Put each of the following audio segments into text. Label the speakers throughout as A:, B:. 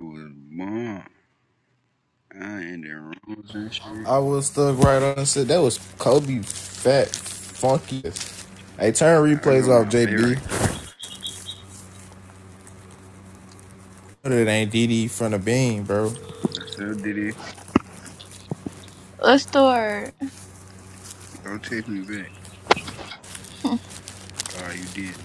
A: was bomb. I ended rooms and shit.
B: I was stuck right on and said that was Kobe fat funky. Hey, turn
A: I
B: replays
A: got
B: off,
A: my bay right
B: JB.
A: there.
B: But it ain't DD from the beam, bro.
A: I said, "Oh, Diddy,
C: Let's start.
A: go text me back. Oh, you did.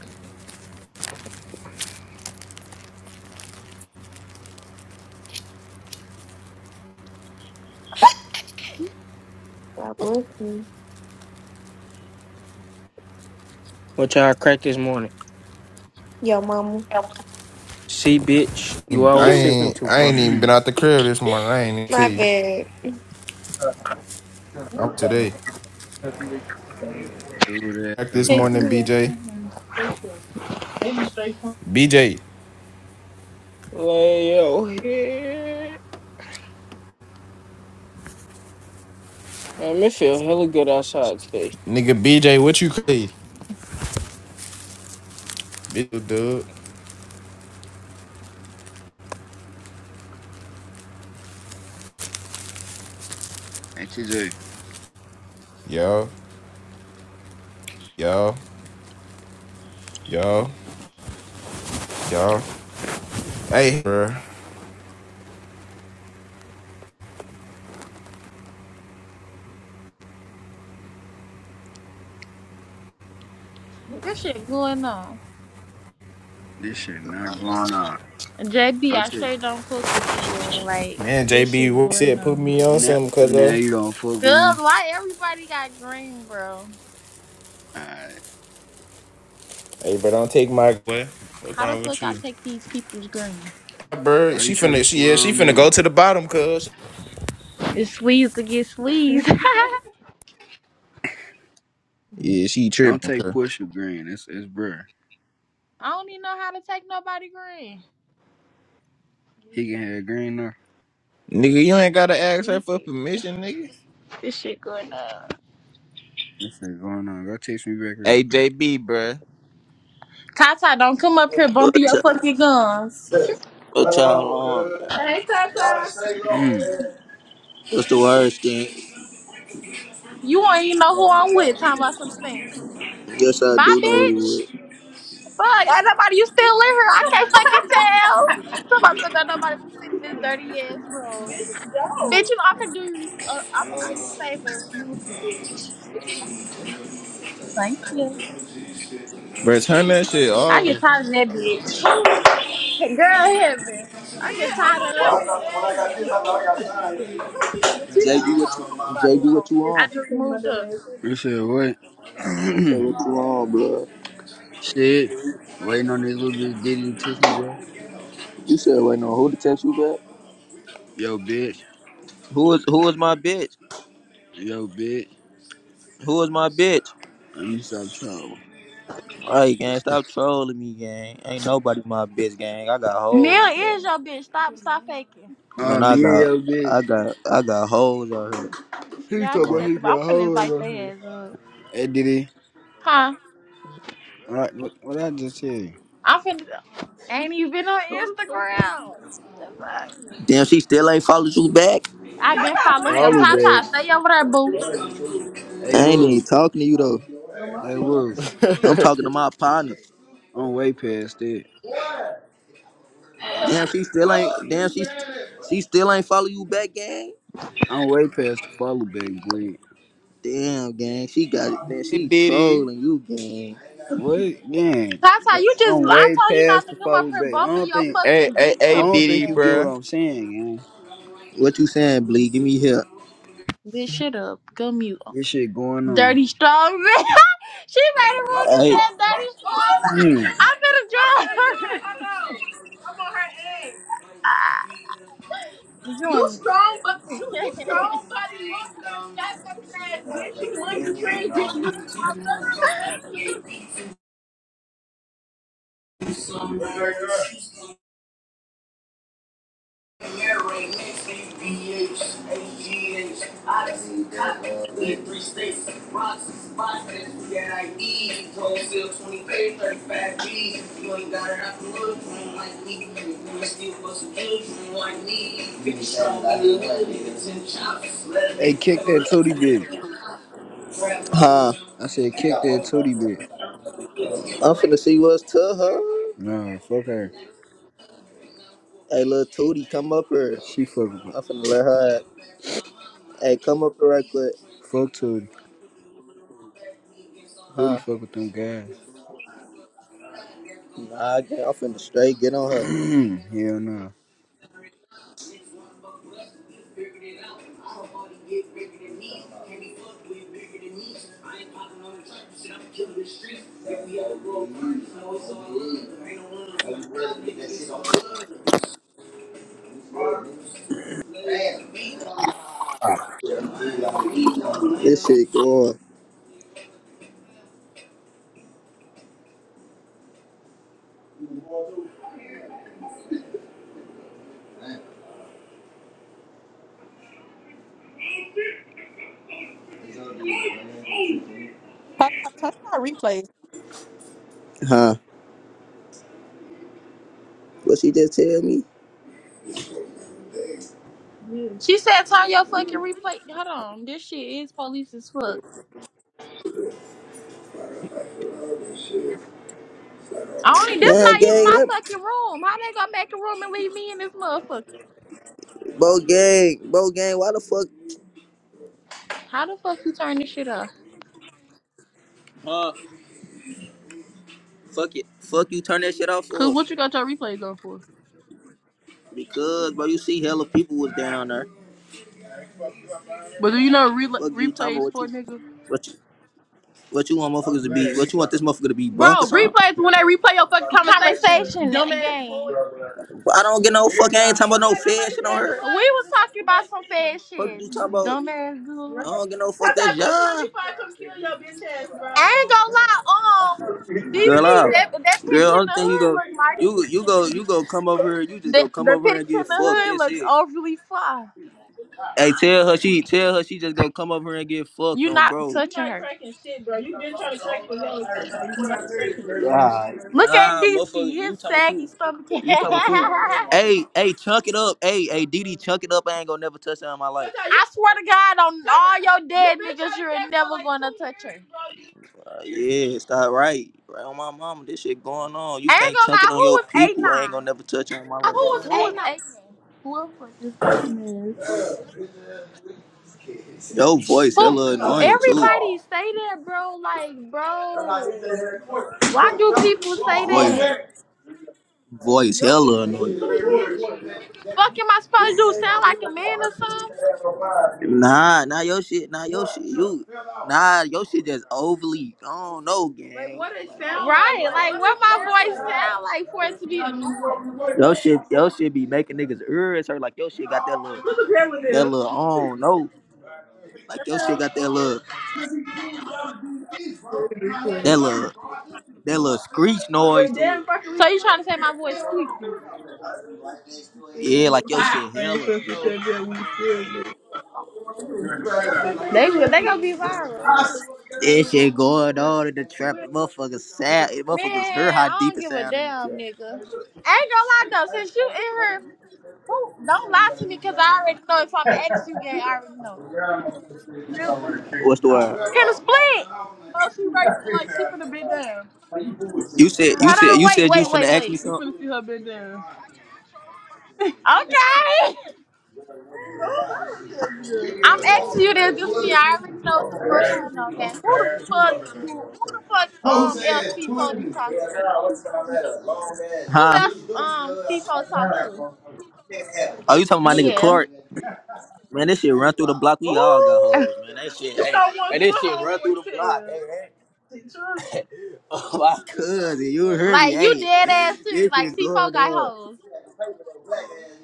D: God bless you.
E: What y'all crack this morning?
D: Yo, mama.
E: See, bitch, you
B: I
E: always taking
B: ain't
E: too
B: I
E: far.
B: ain't even been out the crib this morning. I ain't even
D: My
B: see.
D: bad.
B: I'm today.
F: every
A: Do that,
B: Back
A: gotta
B: this
A: go.
B: morning, BJ. BJ,
E: Like, yo, yeah. Man, it feel hella good outside today.
B: nigga, BJ, what you crazy? Bitch, dude.
A: Hey, TJ,
B: Yo, yo, yo, yo. Hey, bro.
C: This shit going on.
A: this shit not
C: Not
A: going
C: going on?
A: on.
C: JB,
A: Go
C: I
A: text.
C: straight don't fuck with you, man. Like,
B: Man,
C: this
B: JB,
C: shit
B: what you
C: going
B: said put
C: on.
B: me on
A: Now,
B: something, cuz
A: now
B: though.
A: you don't fuck
C: Cuz,
A: with me?
C: why everybody got green, bro?
A: Alright.
B: Hey, bro, don't take my. What? What's
C: How the
B: wrong with
C: fuck I
B: you?
C: take these people's green?
B: Bird,
A: Why
B: she
A: you trying
B: finna,
A: to
B: she yeah, she
A: slime
B: finna go
A: them?
B: to the bottom, cuz.
C: It's sleaze to get sleaze.
B: Yeah, she
A: Don't
B: tripping,
A: take
B: cuz.
A: push with green. It's, it's bruh.
C: I don't even know how to take nobody green.
A: He can have green though.
B: Nigga, you ain't gotta ask her
C: You
B: for
C: can-
B: permission, nigga.
C: This shit going on.
A: This shit going on. Go text me back real
B: Hey, JB, bruh.
C: Tata, don't come up here
G: What
C: bumping your
G: y'all,
C: fucking guns.
G: what y'all on, man?
C: Hey, Tata.
A: quick.
G: What's the worst thing?
C: You won't even know who I'm with. Talking about some stink.
G: Yes, I
C: Bye,
G: do know he
C: bitch.
G: would.
C: Fuck, ain't nobody, you still in here. I can't fucking tell. Somebody said that nobody wants to sit in this dirty ass room. Bitch, don't. Bitch, you know, I can do you, uh, I can do you a favor and remove you, bitch. That's what i can do. Thank you.
B: Bro, turn that shit
C: I
B: off.
C: get tired of that bitch. Who? Girl, heaven. I get Yeah, tired I'm on that of bitch too. She was Mm. she
G: JB, what you,
C: to start of the
G: JB, what you
C: Yes, I
G: on?
C: just she removed under her.
A: you said
G: I said,
A: what?
G: what you on, blood?
A: Shit. Waiting on this little bitch Diddy to text me back.
G: You said, wait, no, who to text you back?
A: Yo, bitch.
G: Who is, who is my bitch?
A: Yo, bitch.
G: Who is my bitch?
A: Let me stop trouble.
G: All right, gang, stop trolling me, gang. Ain't nobody my bitch, gang. I got
C: Neil
G: hoes,
C: is
G: gang.
C: your bitch. Stop, stop faking.
A: Uh,
G: Man, I
A: me and
G: got,
A: yo, bitch.
G: I got, I got hoes out here.
B: He
C: Yeah,
G: Shit,
C: I
B: talking
G: go
C: just
B: about
G: on.
C: said
B: he
C: to, I'm
B: got
C: finna
B: hoes
C: invite their
B: on
C: ass up.
A: Hey, Diddy.
C: Huh?
A: What, what, what I just tell you?
C: I'm finna, ain't even on Instagram.
G: Damn, she still ain't followed you back.
C: I've been following him.
A: Follow back.
C: Tata, stay over there, boo.
A: Hey,
G: I ain't even
A: look.
G: talking to you though.
A: Hey, look.
G: I'm
B: here.
G: talking to my partner.
A: I'm way past it.
G: Damn, she still ain't. Damn, she she still ain't follow you back, gang.
A: I'm way past the follow back, boy.
G: Damn, gang, she got it. Man,
B: hey,
G: she
B: Diddy.
G: trolling you, gang.
A: What? Gang.
C: Tata, you just,
A: I'm
C: I
A: way
C: told you not
A: past
C: to
A: the
C: come up
A: follow
C: here
A: back. I
C: bumping
A: don't
C: your
A: think,
B: Hey,
C: fucking
B: hey,
C: dick
A: I
B: hey,
A: don't
C: suckers,
A: think
B: Diddy,
A: you get
C: game.
A: what
B: bruh.
A: I'm saying, gang.
G: What you saying, Blee? Give me here.
C: Bitch, shut up. Go mute.
A: This shit going on.
C: Dirty strong. she made a rule against
G: Hey,
C: that dirty
A: Hmm.
C: strong. I'm gonna join her. I I'm on her Ah, Join You me. strong, but you, you strong, buddy. Look her fat face ass bitch. You monkey trash dick.
A: Hey, kick that tootie bitch.
G: huh?
A: I said, kick that
G: I'm
A: tootie bitch.
G: finna see what's to her.
A: Nah, fuck her.
G: Hey, little Tootie, come up here.
A: She fuck with
G: I'm finna let her. Hey, come up here right quick,
A: fuck Tootie. Tootie
G: huh?
A: fuck with them guys.
G: Nah, gang, I'm finna straight get on her.
A: Hell no. Nah.
G: This shit going.
H: Turn turn replays.
G: Huh? What she just tell me?
C: Yeah. She said, turn your fucking replay. Hold on. This shit is police as fuck. I Only this
G: Man,
C: not even
G: gang,
C: my
G: let
C: fucking room. How they gonna make a room and leave me in this motherfucker?
G: Bo gang, Bo gang, why the fuck?
C: How the fuck you turn this shit off?
G: Huh? Fuck it. Fuck you, turn that shit off
C: Cause
G: for?
C: what your replays on for?
G: Because, bro, you see hella people was down there.
C: But
G: Fuck you, talking about what
C: for
G: you,
C: nigga,
G: what you, what you want motherfuckers to be, what you want this motherfucker to be, bunk or something?
C: Fuck Conversation, conversation, dumbass boy. gang.
G: But I don't get no fuck, I ain't talking about no
C: Okay,
G: fed
C: nobody
G: shit on
C: said you
G: her.
C: We was. was talking about some shit. fed
G: Fuck you talking
C: shit.
G: about,
C: Dumbass girl.
G: I
C: Right.
G: don't get no fuck,
C: Tap
G: that's
C: that quit playing me
G: y'all.
C: before I come kill your bitch ass, bro. I ain't gonna lie, um, D
G: Girl
C: Ski, that
G: off.
C: that
G: Girl,
C: picture in
G: only
C: the
G: thing you
C: hood
G: go
C: look
G: you you go
C: mighty.
G: you go come over here, you just go
C: the,
G: come
C: the
G: over here and
C: picture
G: get
C: in the
G: fucked.
C: hood
G: That's
C: look
G: it.
C: overly fly.
G: Hey, tell her she tell her she just go come over here and get fucked
C: You
G: on
C: not
G: bro.
C: touching not her. cracking shit, bro. You been trying to crack for hella time, so you not cracking me, bro.
G: Nah,
C: Look at
G: Nah, motherfucker,
C: Disky,
G: you
C: his
G: talking
C: saggy
G: to
C: stomach.
G: you talking
C: I
G: Hey, hey, chunk it up. Hey, hey, Didi, chunk it up. I ain't gonna never touch that in my life.
C: how you, I swear to God, on cause all how your you dead you been niggas, trying to you're crack for never like gonna two touch years, her. bro. You
G: Uh, yeah, it's not right, Right on my mama. This shit going on. You
C: I ain't
G: can't
C: gonna
G: chunk it
C: lie,
G: on
C: who
G: your
C: was eight
G: people. I ain't gonna
C: nine?
G: never touch it in my
H: Who was
C: Who
H: A9?
G: life.
C: was eight nine? Whoever this person is.
G: Yo voice hella
C: Who
G: annoying too.
C: everybody say that, bro? Like, bro, why do people say that?
G: Voice, voice
C: your shit
G: hella
C: is
G: annoying.
C: too, bitch. Fuck am I supposed to do? Sound like a man or something?
G: Nah, nah your shit, nah your shit, you, nah your shit just overly. I don't know,
C: Like
G: gang.
C: what it sound like? Right. Like Like what what my voice like? sound like for it to be annoying.
G: Your shit, your shit be making niggas ears hurt. Like your shit got that little,
C: Look at that with
G: that
C: him?
G: little. I don't know. Like your shit got that little that little that little screech noise
C: Wait,
G: to
C: damn
G: it.
C: fucking So you trying to say my voice squeaky.
G: Yeah, like your shit hella. you know.
C: They they gonna be viral.
G: This shit going on in the trap. Motherfuckers sad. Motherfuckers heard
C: Man,
G: how
C: I
G: deep
C: don't
G: it
C: give a
G: sound in the
C: damn,
G: trap.
C: nigga. I Ain't gonna lie though, since you in her, who don't lie to me because I already know if I'm ex you gay, I already know. Really?
G: What's the word?
C: Can a split? No, she right there, like she finna be down.
G: You said
C: Hold
G: you said
C: on,
G: you
C: wait,
G: said you was
C: wait,
G: finna
C: wait,
G: ask me
C: wait. You finna
G: something.
C: see her bend down. Okay. Oh, I'm asking you this, this me. I already know what the fuck going on, gang. Who the fuck do who the fuck um LC4 be talking to? Who
G: Huh? i
C: else um C4 talk to?
G: Oh, you talking about nigga
C: Yeah.
G: Clark? Man, this shit run through the block. We all got
C: Oh.
G: hoes, man. That shit,
C: you
G: hey,
C: know once
G: hey, this
C: my
G: shit run through
C: homeboy
G: the block,
C: tell.
G: hey, hey. Oh my cousin, you heard me,
C: Like you
G: hey.
C: dead ass serious,
G: This
C: like
G: shit
C: C4
G: going
C: got
G: on.
C: hoes.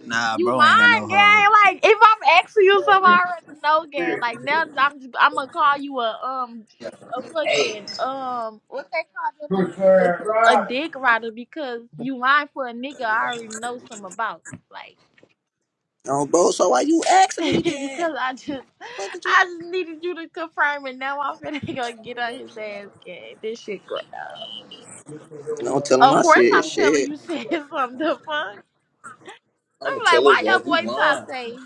G: Nah,
C: You
G: bro, ain't got no
C: lying, gang.
G: hoes.
C: Like if I'm asking you
G: Uh,
C: something, I already know, gang. Like now I'm just, I'm gonna call you a um a
G: Hey,
C: fucking um what they call them motherfuckers
G: prefer
C: a
G: Rob.
C: dick rider because you lying for a nigga I already know something about. Like
G: No, bro. So why you asking me then?
C: because I just
G: What did you?
C: I just needed you to confirm and now I'm finna gonna get on his ass, gang. This shit going on.
G: Don't tell him
C: Of
G: I
C: course
G: said
C: I'm telling
G: shit.
C: you said something the fuck. I'm
G: I'ma
C: like,
G: tell
C: why
G: his
C: your
G: ass you
C: boy Ty
G: lying.
C: say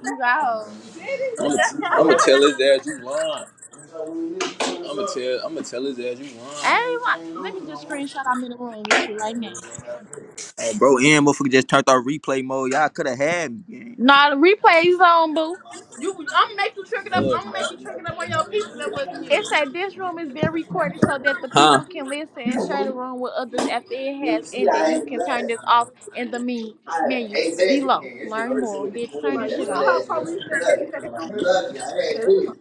C: you got hoes?
G: I'ma I'ma tell his ass you lying. I'ma tell I'ma tell his ass you
C: Everyone, let me just
G: lying.
C: screenshot. I'm in the room with you right now.
G: Hey, bro, and motherfucker just turned on replay mode. Y'all could have had me, gang.
C: Nah, the replay's on, boo. You, I'm make you drink up.
G: No, it's
C: I'm make
G: not.
C: you drink up on your people that wasn't you. It said this room is being recorded so that the
G: Huh?
C: people can listen and share the
G: You
C: room with others after it has
G: see,
C: ended.
G: I
C: You
G: ain't
C: can turn this
G: glad.
C: off in the me-
G: I
C: menu
G: ain't said the
C: below.
G: king. This nigga
C: Learn
G: already sitting
C: more.
G: with the
C: Bitch, turn
G: queen.
C: Right? this You
G: That's the
C: shit know
G: last
C: off. how police that shit
G: thing.
C: say.
G: Lucky, I had
C: Okay, let me.
G: kids.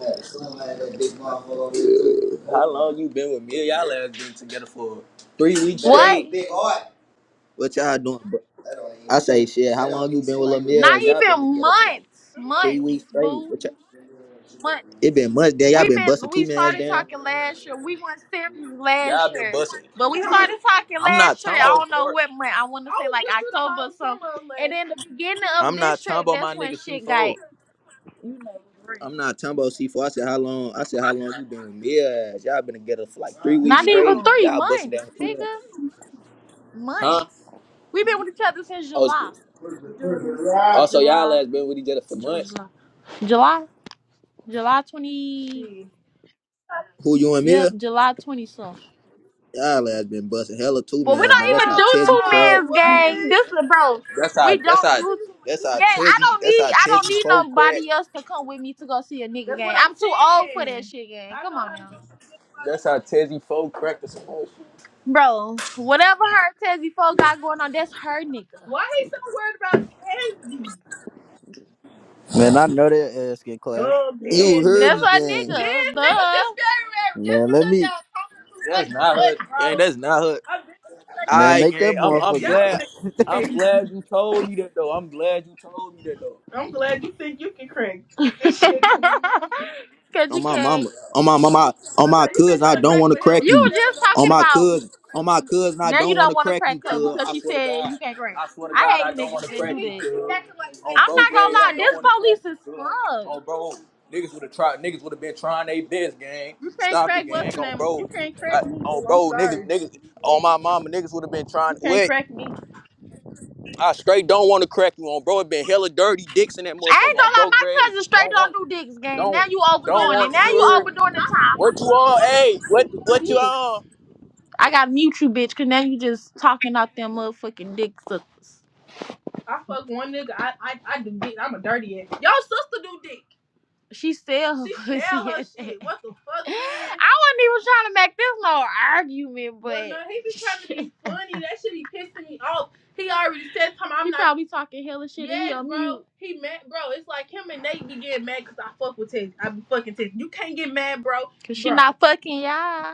G: I had a son, I had that big motherfucker over there, How long you been with me? Y'all last been together for three weeks Better have a
C: What?
G: straight. big heart. What y'all doing, bro? That don't even, I say shit. How that don't long even you even been with seem with like Lil a big
C: Not
G: Y'all been
C: even
G: together for like
C: months.
G: three weeks
C: months, boo,
G: straight.
C: Months,
G: What y'all, it been months. Damn, y'all
C: We
G: been
C: been
G: busting two
C: we
G: man's
C: started
G: down.
C: talking last year. We went serious last
G: Y'all been
C: year,
G: busting.
C: but we started talking
G: I'm not
C: last year. I
G: Tumbo
C: don't know
G: Court.
C: what month. I want to say like October or something. And then the beginning of
G: I'm not
C: this year,
G: Tumbo my
C: that's when
G: nigga
C: shit
G: C4.
C: got
G: I'm not talking about C4. I said how long? I said how long you been with me? Yeah, Y'all been together for like three weeks
C: not even
G: straight.
C: three
G: Y'all busting down
C: months,
G: two months,
C: nigga.
G: huh?
C: Months. We've been with each other since
G: Oh,
C: July,
G: it's-
C: June,
G: also y'all
C: July,
G: ass been with each other for
C: June,
G: months.
C: July, July, July twenty.
G: Who you and Mia?
C: Yep, July twenty something.
G: Y'all ass been busting hella two
C: But we
G: mans.
C: don't
G: Now that's
C: even
G: how
C: do two
G: Tezzy cracked.
C: men's gang. This is bro.
G: That's how.
C: We
G: That's
C: don't
G: how.
C: do
G: That's
C: two
G: how
C: gang. I
G: Tezzy.
C: don't
G: That's
C: need
G: how
C: I don't
G: Tezzy
C: need
G: four cracked.
C: nobody else to come with me to go see a nigga gang. I'm too old for that shit gang. Come on now.
G: That's how Tezzy four cracked the some shit.
C: Bro, whatever her Tezzy folk got going on, that's her nigga. Why he so worried about Tezzy?
I: Man, I know that ass can clap.
C: Oh
G: You
C: man, nigga.
G: heard
C: That's
G: me,
C: her
G: gang.
C: nigga. Man, Nigga Duh. Just be everywhere just
I: Man, let
C: because
I: me
C: y'all talking too
G: That's
C: fucking
G: not her.
C: much, bro.
G: Gang, that's not her.
C: I'm just
I: man
G: I
C: like,
I: make that
G: gang. I'm I'm
I: motherfucker
C: y'all
I: go.
G: glad.
C: finna
G: I'm
C: get Tezzy.
G: glad you told me that though. I'm glad you told me that though.
C: I'm glad you think you can crank this shit. Cause
G: On
C: you
G: my
C: can't.
G: mama. On my mama.
C: I
G: On my
C: thought you been
G: cousin. I
C: trying to
G: don't
C: crack
G: want
C: for
G: to
C: hella
G: crack
C: You
G: you.
C: were just
G: On
C: talking
G: my
C: about
G: cousin. On my cousin. I
C: now you
G: don't want
C: don't
G: to
C: want to
G: crack
C: crack
G: you,
C: up
G: cuz.
C: because
G: I
C: she
G: swear to
C: said
G: God.
C: you can't crank.
G: I swear to
C: I
G: God. I
C: hate
G: don't
C: niggas
G: want to
C: that do
G: crack you,
C: that.
G: cuz.
C: like
G: On
C: I'm
G: bro
C: not gonna
G: grave.
C: lie,
G: I
C: this
G: don't want to crack
C: police
G: you,
C: is
G: cuz.
C: fucked.
G: On bro. Niggas would have tried. Niggas would have been trying their best, gang.
C: You can't
G: Stop it,
C: crack what's
G: gang.
C: the
G: On
C: name? You
G: bro.
C: can't
G: I,
C: crack me,
G: on
C: boo. I'm
G: bro. Niggas.
C: sorry.
G: Niggas. On my mama. Niggas would have been trying.
C: You can't
G: What?
C: crack me.
G: I straight don't want to crack you on, bro. It been hella dirty dicks in that
C: I
G: motherfucker
C: ain't
G: on,
C: gonna
G: bro.
C: lie, my
G: Greg,
C: cousin straight
G: don't
C: don't
G: want,
C: do dicks, gang.
G: don't,
C: Now you
G: don't
C: overdoing it.
G: want.
C: Now
G: You
C: you
G: heard
C: overdoing the time. I
G: what
C: time.
G: you
C: fuck
G: on?
C: one nigga,
G: Hey,
C: I
G: what
C: be
G: what you
C: doing dicks.
G: on?
C: I got to mute you, bitch, because now you just talking out them motherfucking dick suckers. I fuck one nigga. I I, I do dick. I'm a dirty ass. Your sister do dick. She sell her She pussy. sell her shit. What the fuck, man? I wasn't even trying to make this long argument, But well, no, he be trying to be funny. That shit be pissing me off. He already said to him, I'm he not. He probably talking hella shit Yes, and he Yes, bro. mute. He mad, bro. It's like him and Nate be getting mad because I fuck with Tess. I be fucking Tess. You can't get mad, bro. Cause bro. she not fucking y'all.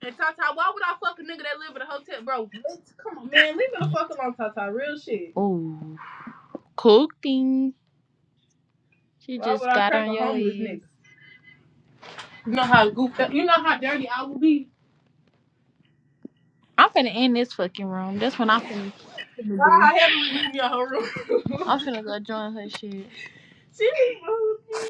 C: And Tata, why would I fuck a nigga that live in a hotel, bro? What? Come on, man, leave me the fuck alone, Tata. Real shit. Ooh, cooking. She Why just I got crack on a your homeless ass. nigga? You know how goofed up. You know how dirty I would be. I'm finna end this fucking room. That's when I'm finna, finna do. I haven't removed me out her room? I'm finna go join her shit. she removed me.